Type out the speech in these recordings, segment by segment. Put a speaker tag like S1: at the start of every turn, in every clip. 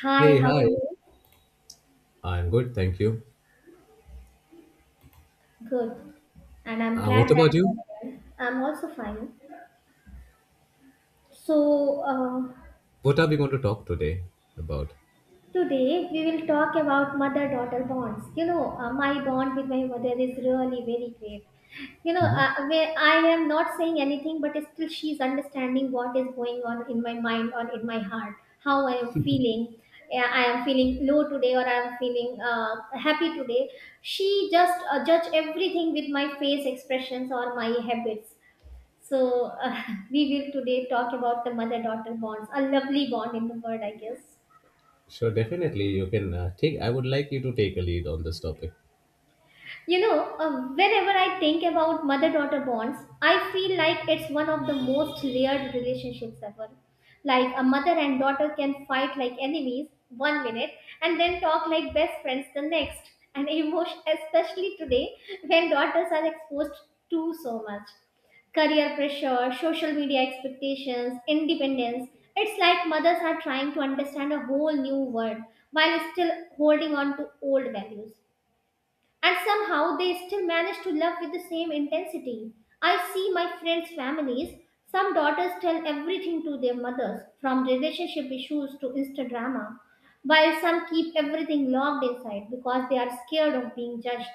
S1: Hi,
S2: Hey,
S1: how are
S2: hi.
S1: you?
S2: I'm good, thank you.
S1: Good. And I'm
S2: What
S1: glad that
S2: about
S1: you're
S2: you?
S1: well. I'm also fine. So, uh,
S2: What are we going to talk today about?
S1: Today we will talk about mother daughter bonds. My bond with my mother is really very great.
S2: Hmm.
S1: Where I am not saying anything, but still she's understanding what is going on in my mind or in my heart, how I am feeling. Yeah, I am feeling low today or I am feeling happy today. She just judge everything with my face expressions or my habits. So, uh, we will today talk about the mother daughter bonds, a lovely bond in the world, I guess.
S2: Sure, definitely. You can take. I would like you to take a lead on this topic.
S1: Whenever I think about mother daughter bonds, I feel like it's one of the most layered relationships ever. Like a mother and daughter can fight like enemies one minute and then talk like best friends the next. And emotion, especially today when daughters are exposed to so much career pressure, social media expectations, independence. It's like mothers are trying to understand a whole new world while still holding on to old values, and somehow they still manage to love with the same intensity. I see my friends' families. Some daughters tell everything to their mothers, from relationship issues to Insta drama, while some keep everything locked inside because they are scared of being judged.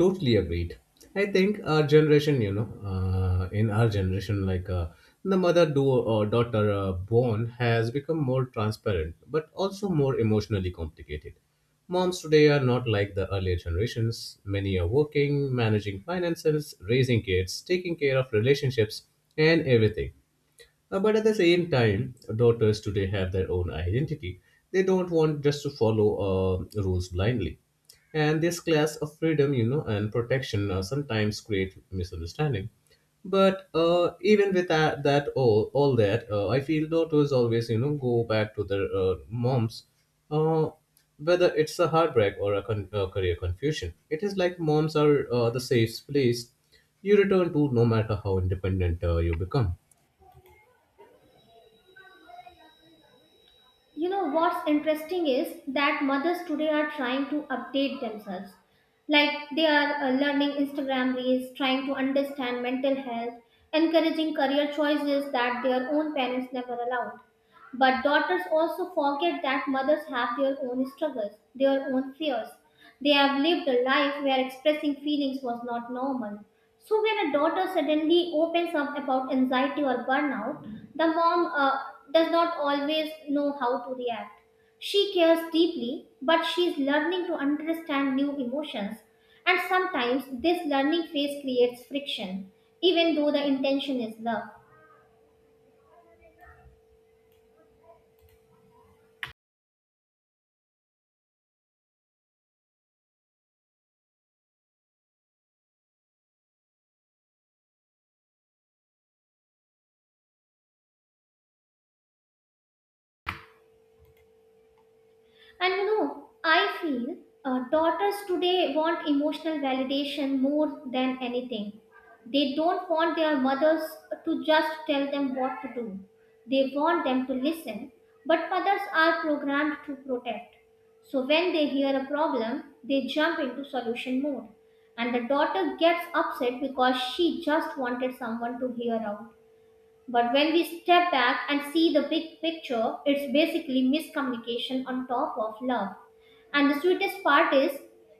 S2: Totally agreed. I think our generation, you know, in our generation, like, the mother do or daughter bond has become more transparent but also more emotionally complicated. Moms today are not like the earlier generations. Many are working, managing finances, raising kids, taking care of relationships and everything. But at the same time, daughters today have their own identity. They don't want just to follow rules blindly. And this class of freedom, you know, and protection sometimes create misunderstanding. But even with that, I feel daughters always, you know, go back to their moms, uh, whether it's a heartbreak or a, a career confusion. It is like moms are the safe place you return to, no matter how independent you become.
S1: You know what's interesting is that mothers today are trying to update themselves. Like they are learning Instagram reels, trying to understand mental health, encouraging career choices that their own parents never allowed. But daughters also forget that mothers have their own struggles, their own fears, they have lived a life where expressing feelings was not normal. So when a daughter suddenly opens up about anxiety or burnout, the mom does not always know how to react. She cares deeply, but she is learning to understand new emotions. And sometimes this learning phase creates friction, even though the intention is love. And you know, I feel daughters today want emotional validation more than anything. They don't want their mothers to just tell them what to do, they want them to listen. But mothers are programmed to protect. So when they hear a problem, they jump into solution mode. And the daughter gets upset because she just wanted someone to hear out. But when we step back and see the big picture, it's basically miscommunication on top of love. And the sweetest part is,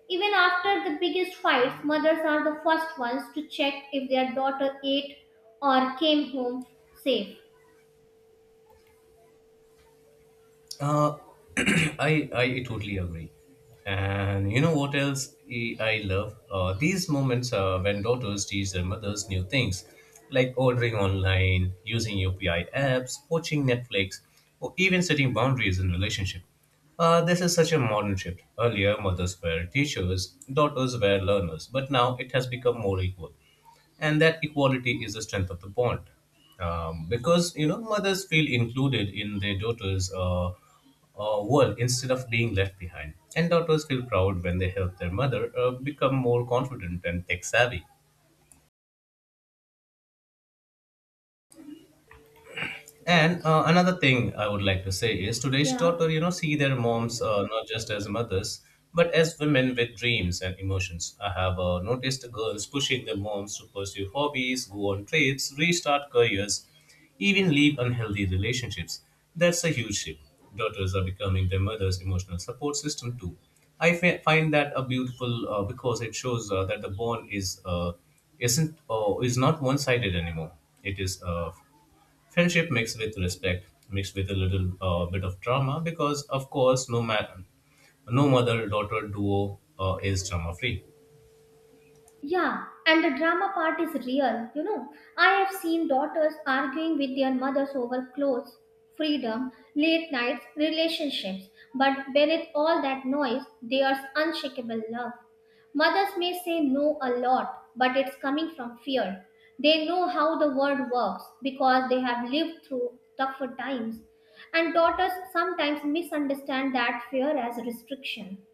S1: even after the biggest fights, mothers are the first ones to check if their daughter ate or came home safe.
S2: Uh, I totally agree. And you know what else I love? These moments when daughters teach their mothers new things, like ordering online, using UPI apps, watching Netflix, or even setting boundaries in relationship. This is such a modern shift. Earlier, mothers were teachers, daughters were learners, but now it has become more equal, and that equality is the strength of the bond, because, you know, mothers feel included in their daughters' world instead of being left behind, and daughters feel proud when they help their mother become more confident and tech savvy. And another thing I would like to say is today's
S1: Yeah.
S2: daughter, you know, see their moms not just as mothers, but as women with dreams and emotions. I have noticed girls pushing their moms to pursue hobbies, go on trips, restart careers, even leave unhealthy relationships. That's a huge shift. Daughters are becoming their mother's emotional support system too. I find that a beautiful because it shows that the bond is not one sided anymore. It is friendship mixed with respect mixed with a little bit of drama, because of course no man, no mother daughter duo is drama free.
S1: Yeah, and the drama part is real, you know. I have seen daughters arguing with their mothers over clothes, freedom, late nights, relationships, but beneath all that noise, there's unshakable love. Mothers may say no a lot, but it's coming from fear. They know how the world works because they have lived through tougher times. And daughters sometimes misunderstand that fear as restriction.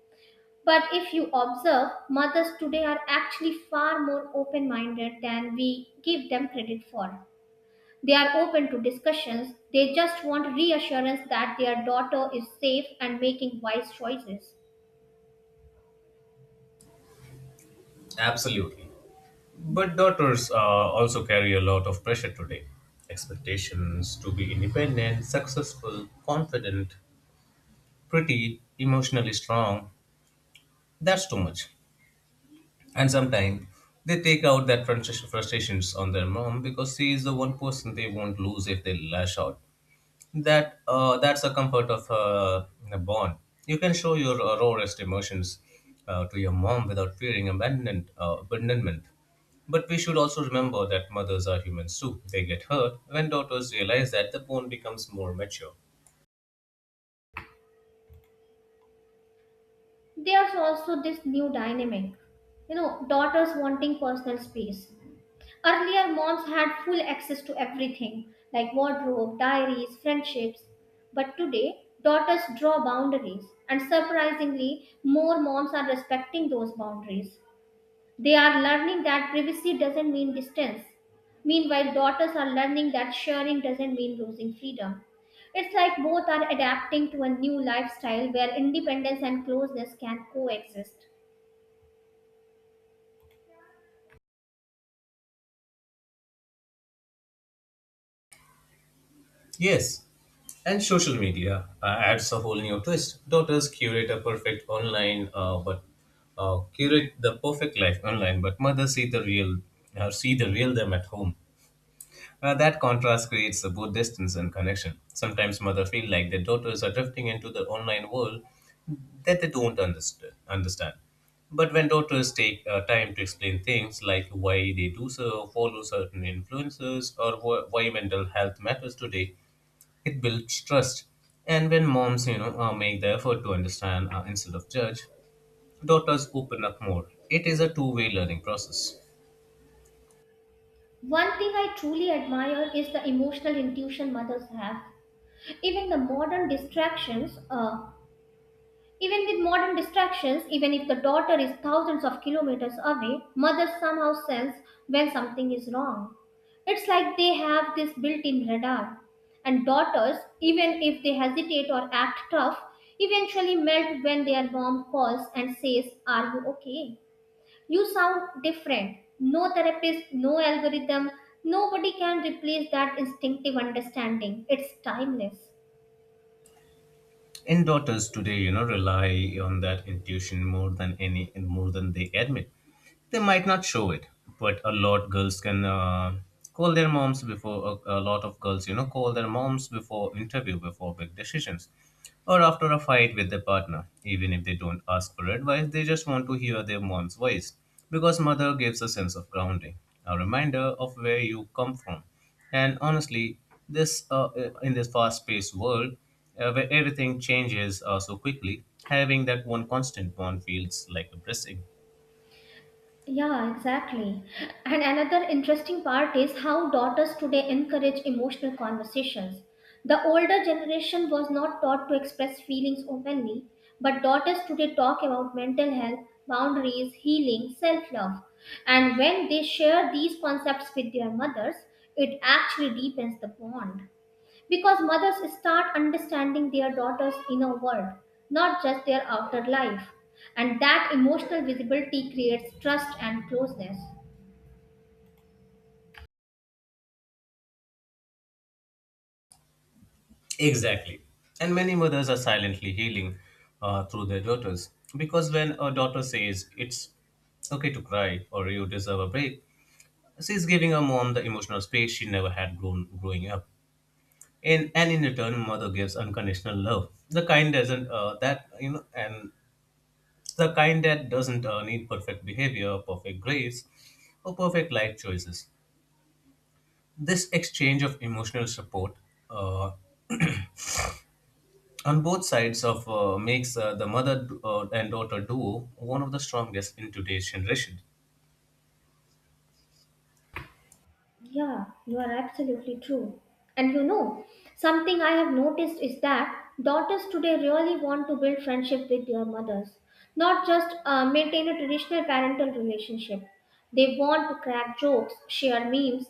S1: But if you observe, mothers today are actually far more open minded than we give them credit for. They are open to discussions, they just want reassurance that their daughter is safe and making wise choices.
S2: Absolutely. But daughters also carry a lot of pressure today. Expectations to be independent, successful, confident, pretty, emotionally strong. That's too much. And sometimes they take out that frustrations on their mom, because she is the one person they won't lose if they lash out. That's the comfort of a bond. You can show your rawest emotions to your mom without fearing abandonment. Abandonment. But we should also remember that mothers are humans too. They get hurt when daughters realize that the bond becomes more mature.
S1: There's also this new dynamic, you know, daughters wanting personal space. Earlier, moms had full access to everything like wardrobe, diaries, friendships. But today, daughters draw boundaries, and surprisingly, more moms are respecting those boundaries. They are learning that privacy doesn't mean distance. Meanwhile, daughters are learning that sharing doesn't mean losing freedom. It's like both are adapting to a new lifestyle where independence and closeness can coexist.
S2: Yes, and social media adds a whole new twist. Daughters curate a perfect online, but Curate the perfect life online, but mothers see see the real them at home. That contrast creates a both distance and connection. Sometimes mothers feel like their daughters are drifting into the online world that they don't understand. But when daughters take time to explain things, like why they do so, follow certain influences, or why mental health matters today, it builds trust. And when moms, you know, make the effort to understand instead of judge, daughters open up more. It is a two-way learning process.
S1: One thing I truly admire is the emotional intuition mothers have. Even the modern distractions, uh, Even with modern distractions, even if the daughter is thousands of kilometers away, mother somehow sense when something is wrong. It's like they have this built-in radar. And daughters, even if they hesitate or act tough, eventually melt when their mom calls and says, "Are you okay? You sound different." No therapist, no algorithm, nobody can replace that instinctive understanding. It's timeless.
S2: And daughters today, you know, rely on that intuition more than they admit. They might not show it, but a lot girls can call their moms before a lot of girls, you know, call their moms before interview, before big decisions, or after a fight with their partner. Even if they don't ask for advice, they just want to hear their mom's voice, because mother gives a sense of grounding, a reminder of where you come from. And honestly, this in this fast-paced world where everything changes so quickly, having that one constant bond feels like a blessing.
S1: Yeah, exactly. And another interesting part is how daughters today encourage emotional conversations. The older generation was not taught to express feelings openly, but daughters today talk about mental health, boundaries, healing, self love. And when they share these concepts with their mothers, it actually deepens the bond because mothers start understanding their daughters' inner world, not just their outer life. And that emotional visibility creates trust and closeness.
S2: Exactly. And many mothers are silently healing through their daughters, because when a daughter says it's okay to cry or you deserve a break, she's giving her mom the emotional space she never had grown growing up. And in return, mother gives unconditional love. The kind doesn't that you know, and The kind that doesn't need perfect behavior, perfect grace, or perfect life choices. This exchange of emotional support uh, on both sides of makes the mother and daughter duo one of the strongest in today's generation.
S1: Yeah, you are absolutely true. And you know, something I have noticed is that daughters today really want to build friendship with their mothers, not just maintain a traditional parental relationship. They want to crack jokes, share memes,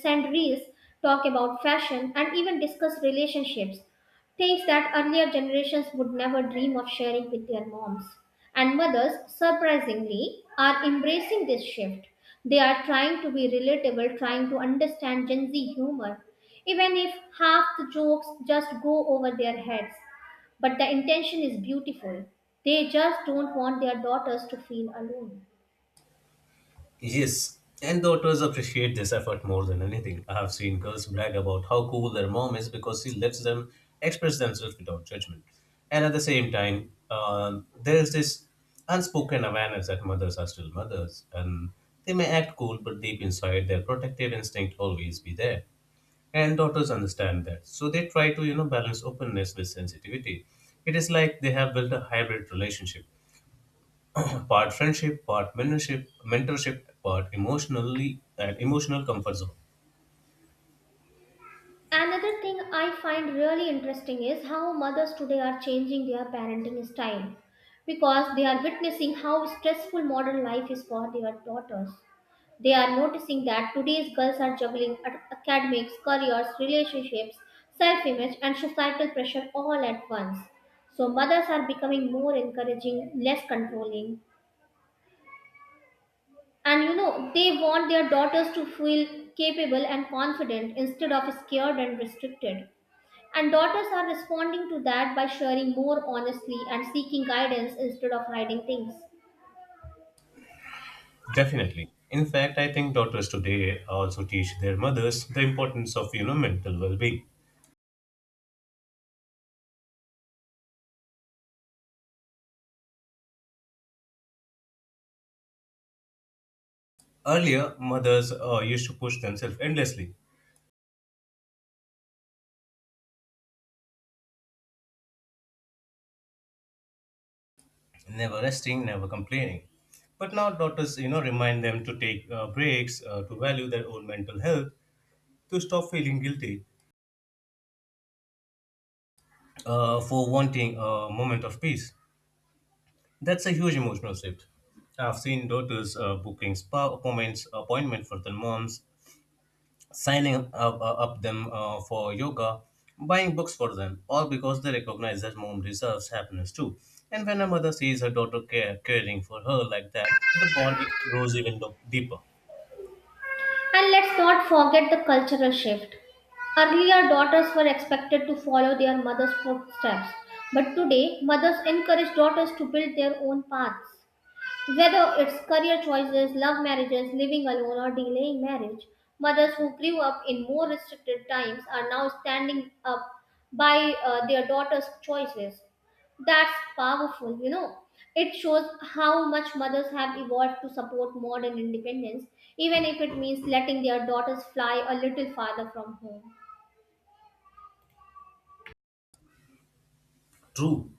S1: send reels, talk about fashion, and even discuss relationships. Things that earlier generations would never dream of sharing with their moms. And mothers, surprisingly, are embracing this shift. They are trying to be relatable, trying to understand Gen Z humor, even if half the jokes just go over their heads. But the intention is beautiful. They just don't want their daughters to feel alone.
S2: Yes, and daughters appreciate this effort more than anything. I have seen girls brag about how cool their mom is because she lets them express themselves without judgment. And at the same time, there's this unspoken awareness that mothers are still mothers, and they may act cool, but deep inside, their protective instinct always be there. And daughters understand that, so they try to, you know, balance openness with sensitivity. It is like they have built a hybrid relationship. Part friendship, part mentorship, part emotionally and emotional comfort zone.
S1: Another thing I find really interesting is how mothers today are changing their parenting style because they are witnessing how stressful modern life is for their daughters. They are noticing that today's girls are juggling academics, careers, relationships, self image, and societal pressure all at once. So, mothers are becoming more encouraging, less controlling, and you know, they want their daughters to feel capable and confident instead of scared and restricted. And daughters are responding to that by sharing more honestly and seeking guidance instead of hiding things.
S2: Definitely. In fact, I think daughters today also teach their mothers the importance of, you know, mental well-being. Earlier, mothers used to push themselves endlessly, never resting, never complaining. But now daughters, you know, remind them to take breaks, to value their own mental health, to stop feeling guilty for wanting a moment of peace. That's a huge emotional shift. I've seen daughters appointment for their moms, signing up them for yoga, buying books for them, all because they recognize that mom deserves happiness too. And when a mother sees her daughter caring for her like that, the bond it grows even deeper.
S1: And let's not forget the cultural shift. Earlier, daughters were expected to follow their mother's footsteps, but today, mothers encourage daughters to build their own paths. Whether it's career choices, love marriages, living alone, or delaying marriage, mothers who grew up in more restricted times are now standing up by their daughters' choices. That's powerful, you know. It shows how much mothers have evolved to support modern independence, even if it means letting their daughters fly a little farther from home.
S2: True.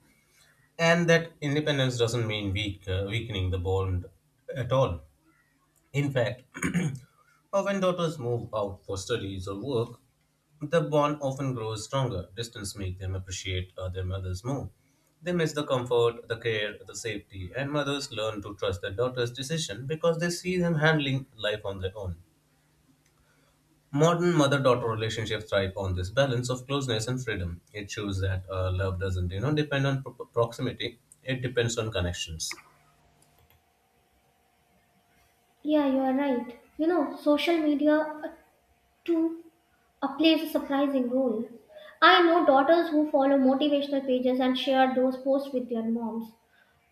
S2: And that independence doesn't mean weakening the bond at all. In fact, or when daughters move out for studies or work, the bond often grows stronger. Distance makes them appreciate their mothers more. They miss the comfort, the care, the safety, and mothers learn to trust their daughter's decision because they see them handling life on their own. Modern mother-daughter relationships thrive on this balance of closeness and freedom. It shows that love doesn't, you know, depend on proximity. It depends on connections.
S1: Yeah, you are right. You know, social media too plays a surprising role. I know daughters who follow motivational pages and share those posts with their moms.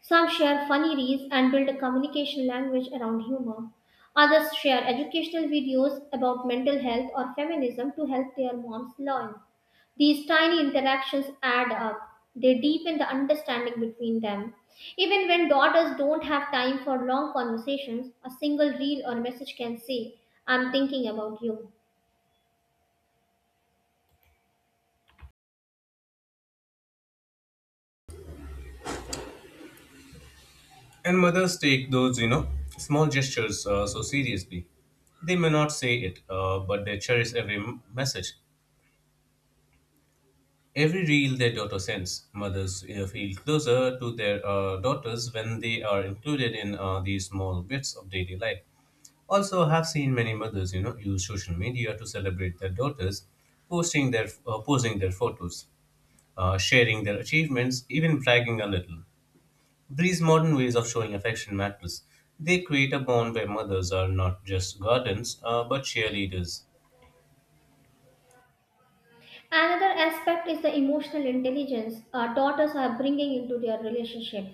S1: Some share funny reels and build a communication language around humor. Others share educational videos about mental health or feminism to help their moms learn. These tiny interactions add up. They deepen the understanding between them. Even when daughters don't have time for long conversations, a single reel or message can say, "I'm thinking about you."
S2: And mothers take those, you know, small gestures so seriously. They may not say it, but they cherish every message. Every reel their daughter sends, mothers feel closer to their daughters when they are included in these small bits of daily life. Also, I have seen many mothers, you know, use social media to celebrate their daughters, posting their posing their photos, sharing their achievements, even bragging a little. These modern ways of showing affection matters. They create a bond where mothers are not just guardians, but cheerleaders.
S1: Another aspect is the emotional intelligence daughters are bringing into their relationship.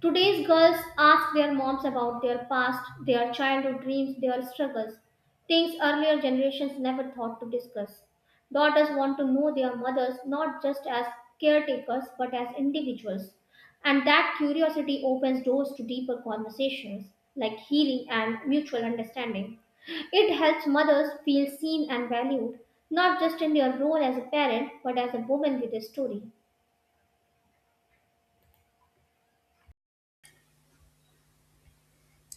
S1: Today's girls ask their moms about their past, their childhood dreams, their struggles, things earlier generations never thought to discuss. Daughters want to know their mothers not just as caretakers but as individuals. And that curiosity opens doors to deeper conversations like healing and mutual understanding. It helps mothers feel seen and valued, not just in their role as a parent but as a woman with a story.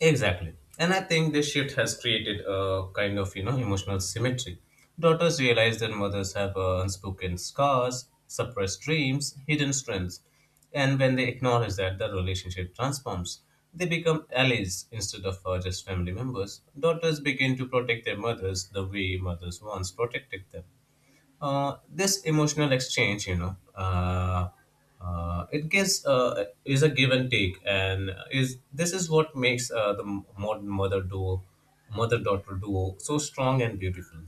S2: Exactly. And I think this shift has created a kind of, you know, emotional symmetry. Daughters realize that mothers have unspoken scars, suppressed dreams, hidden strengths. And when they acknowledge that, the relationship transforms. They become allies instead of just family members. Daughters begin to protect their mothers the way mothers once protected them. This emotional exchange, you know, it gives is a give and take, and is this is what makes the modern mother daughter duo so strong and beautiful.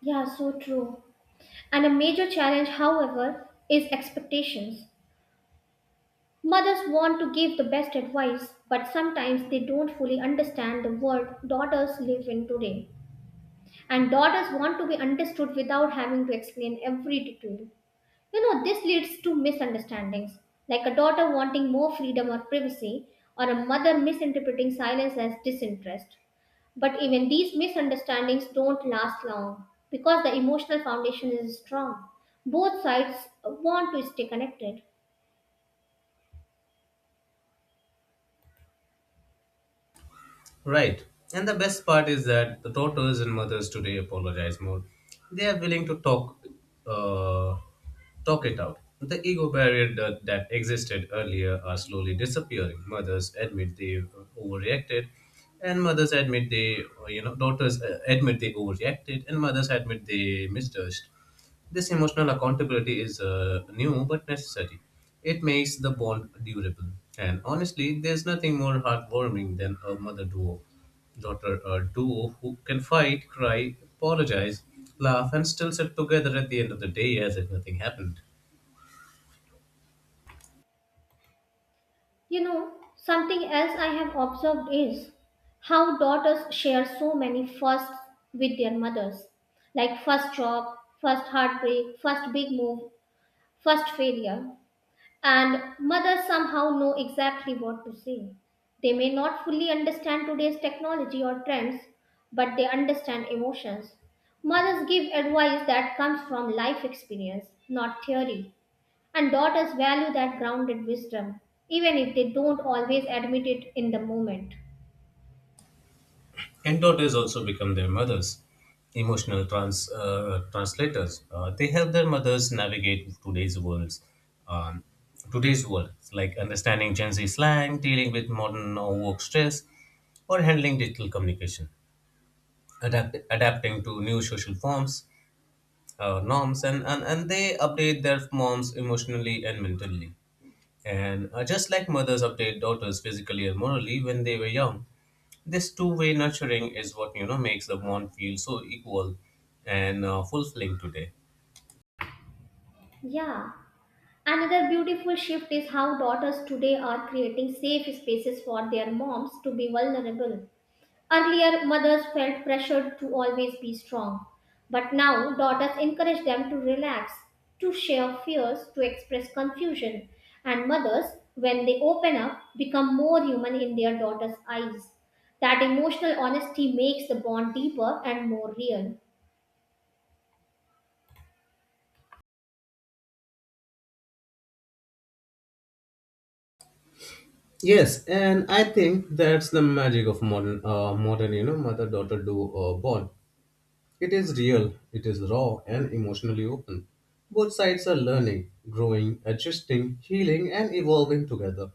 S1: Yeah, so true. And a major challenge, however, is expectations. Mothers want to give the best advice, but sometimes they don't fully understand the world daughters live in today. And daughters want to be understood without having to explain every detail. You know, this leads to misunderstandings, like a daughter wanting more freedom or privacy, or a mother misinterpreting silence as disinterest. But even these misunderstandings don't last long because the emotional foundation is strong. Both sides want to stay connected.
S2: Right. And the best part is that the daughters and mothers today apologize more. They are willing to talk, uh, talk it out. The ego barrier that existed earlier are slowly disappearing. Mothers admit they overreacted, and mothers admit they, you know, Daughters admit they overreacted, and mothers admit they misjudged. This emotional accountability is new but necessary. It makes the bond durable. And honestly, there's nothing more heartwarming than a daughter duo who can fight, cry, apologize, laugh, and still sit together at the end of the day as if nothing happened.
S1: You know, something else I have observed is how daughters share so many firsts with their mothers like first job, first heartbreak, first big move, first failure, and mothers somehow know exactly what to say. They may not fully understand today's technology or trends, but they understand emotions. Mothers give advice that comes from life experience, not theory, and daughters value that grounded wisdom, even if they don't always admit it in the moment.
S2: And daughters also become their mothers, emotional translators. They help their mothers navigate um, today's world, like understanding Gen Z slang, dealing with modern work stress, or handling digital communication, adapting to new norms, and they update their moms emotionally and mentally. And just like mothers update daughters physically and morally when they were young, this two-way nurturing is what, you know, makes the bond feel so equal and fulfilling today.
S1: Yeah. Another beautiful shift is how daughters today are creating safe spaces for their moms to be vulnerable. Earlier, mothers felt pressured to always be strong, but now daughters encourage them to relax, to share fears, to express confusion. And mothers, when they open up, become more human in their daughters' eyes. That emotional honesty makes the bond deeper and more real.
S2: Yes, and I think that's the magic of modern, you know, mother-daughter duo bond. It is real, it is raw, and emotionally open. Both sides are learning, growing, adjusting, healing, and evolving together.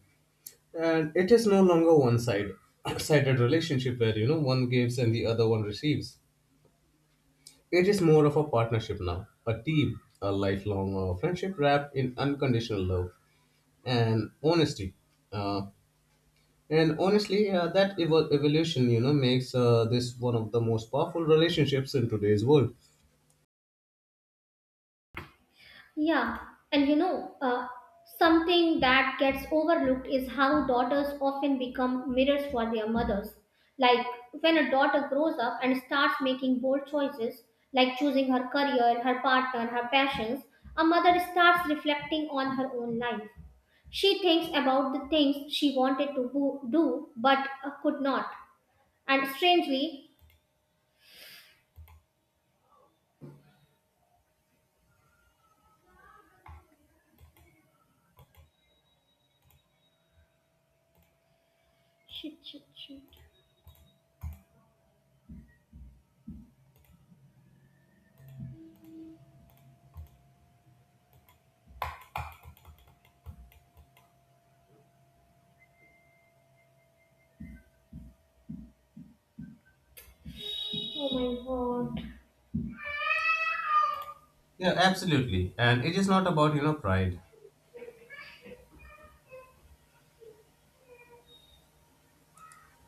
S2: And it is no longer one-sided, sided relationship where, you know, one gives and the other one receives. It is more of a partnership now, a team, a lifelong friendship wrapped in unconditional love and honesty. Uh, and honestly, that evolution, you know, makes this one of the most powerful relationships in today's world.
S1: Yeah, and you know, uh, Something that gets overlooked is how daughters often become mirrors for their mothers. Like when a daughter grows up and starts making bold choices, like choosing her career, her partner, her passions, a mother starts reflecting on her own life. She thinks about the things she wanted to do but could not. And strangely, shit, shit, shit. Oh my god.
S2: Yeah, absolutely. And it is not about, you know, pride.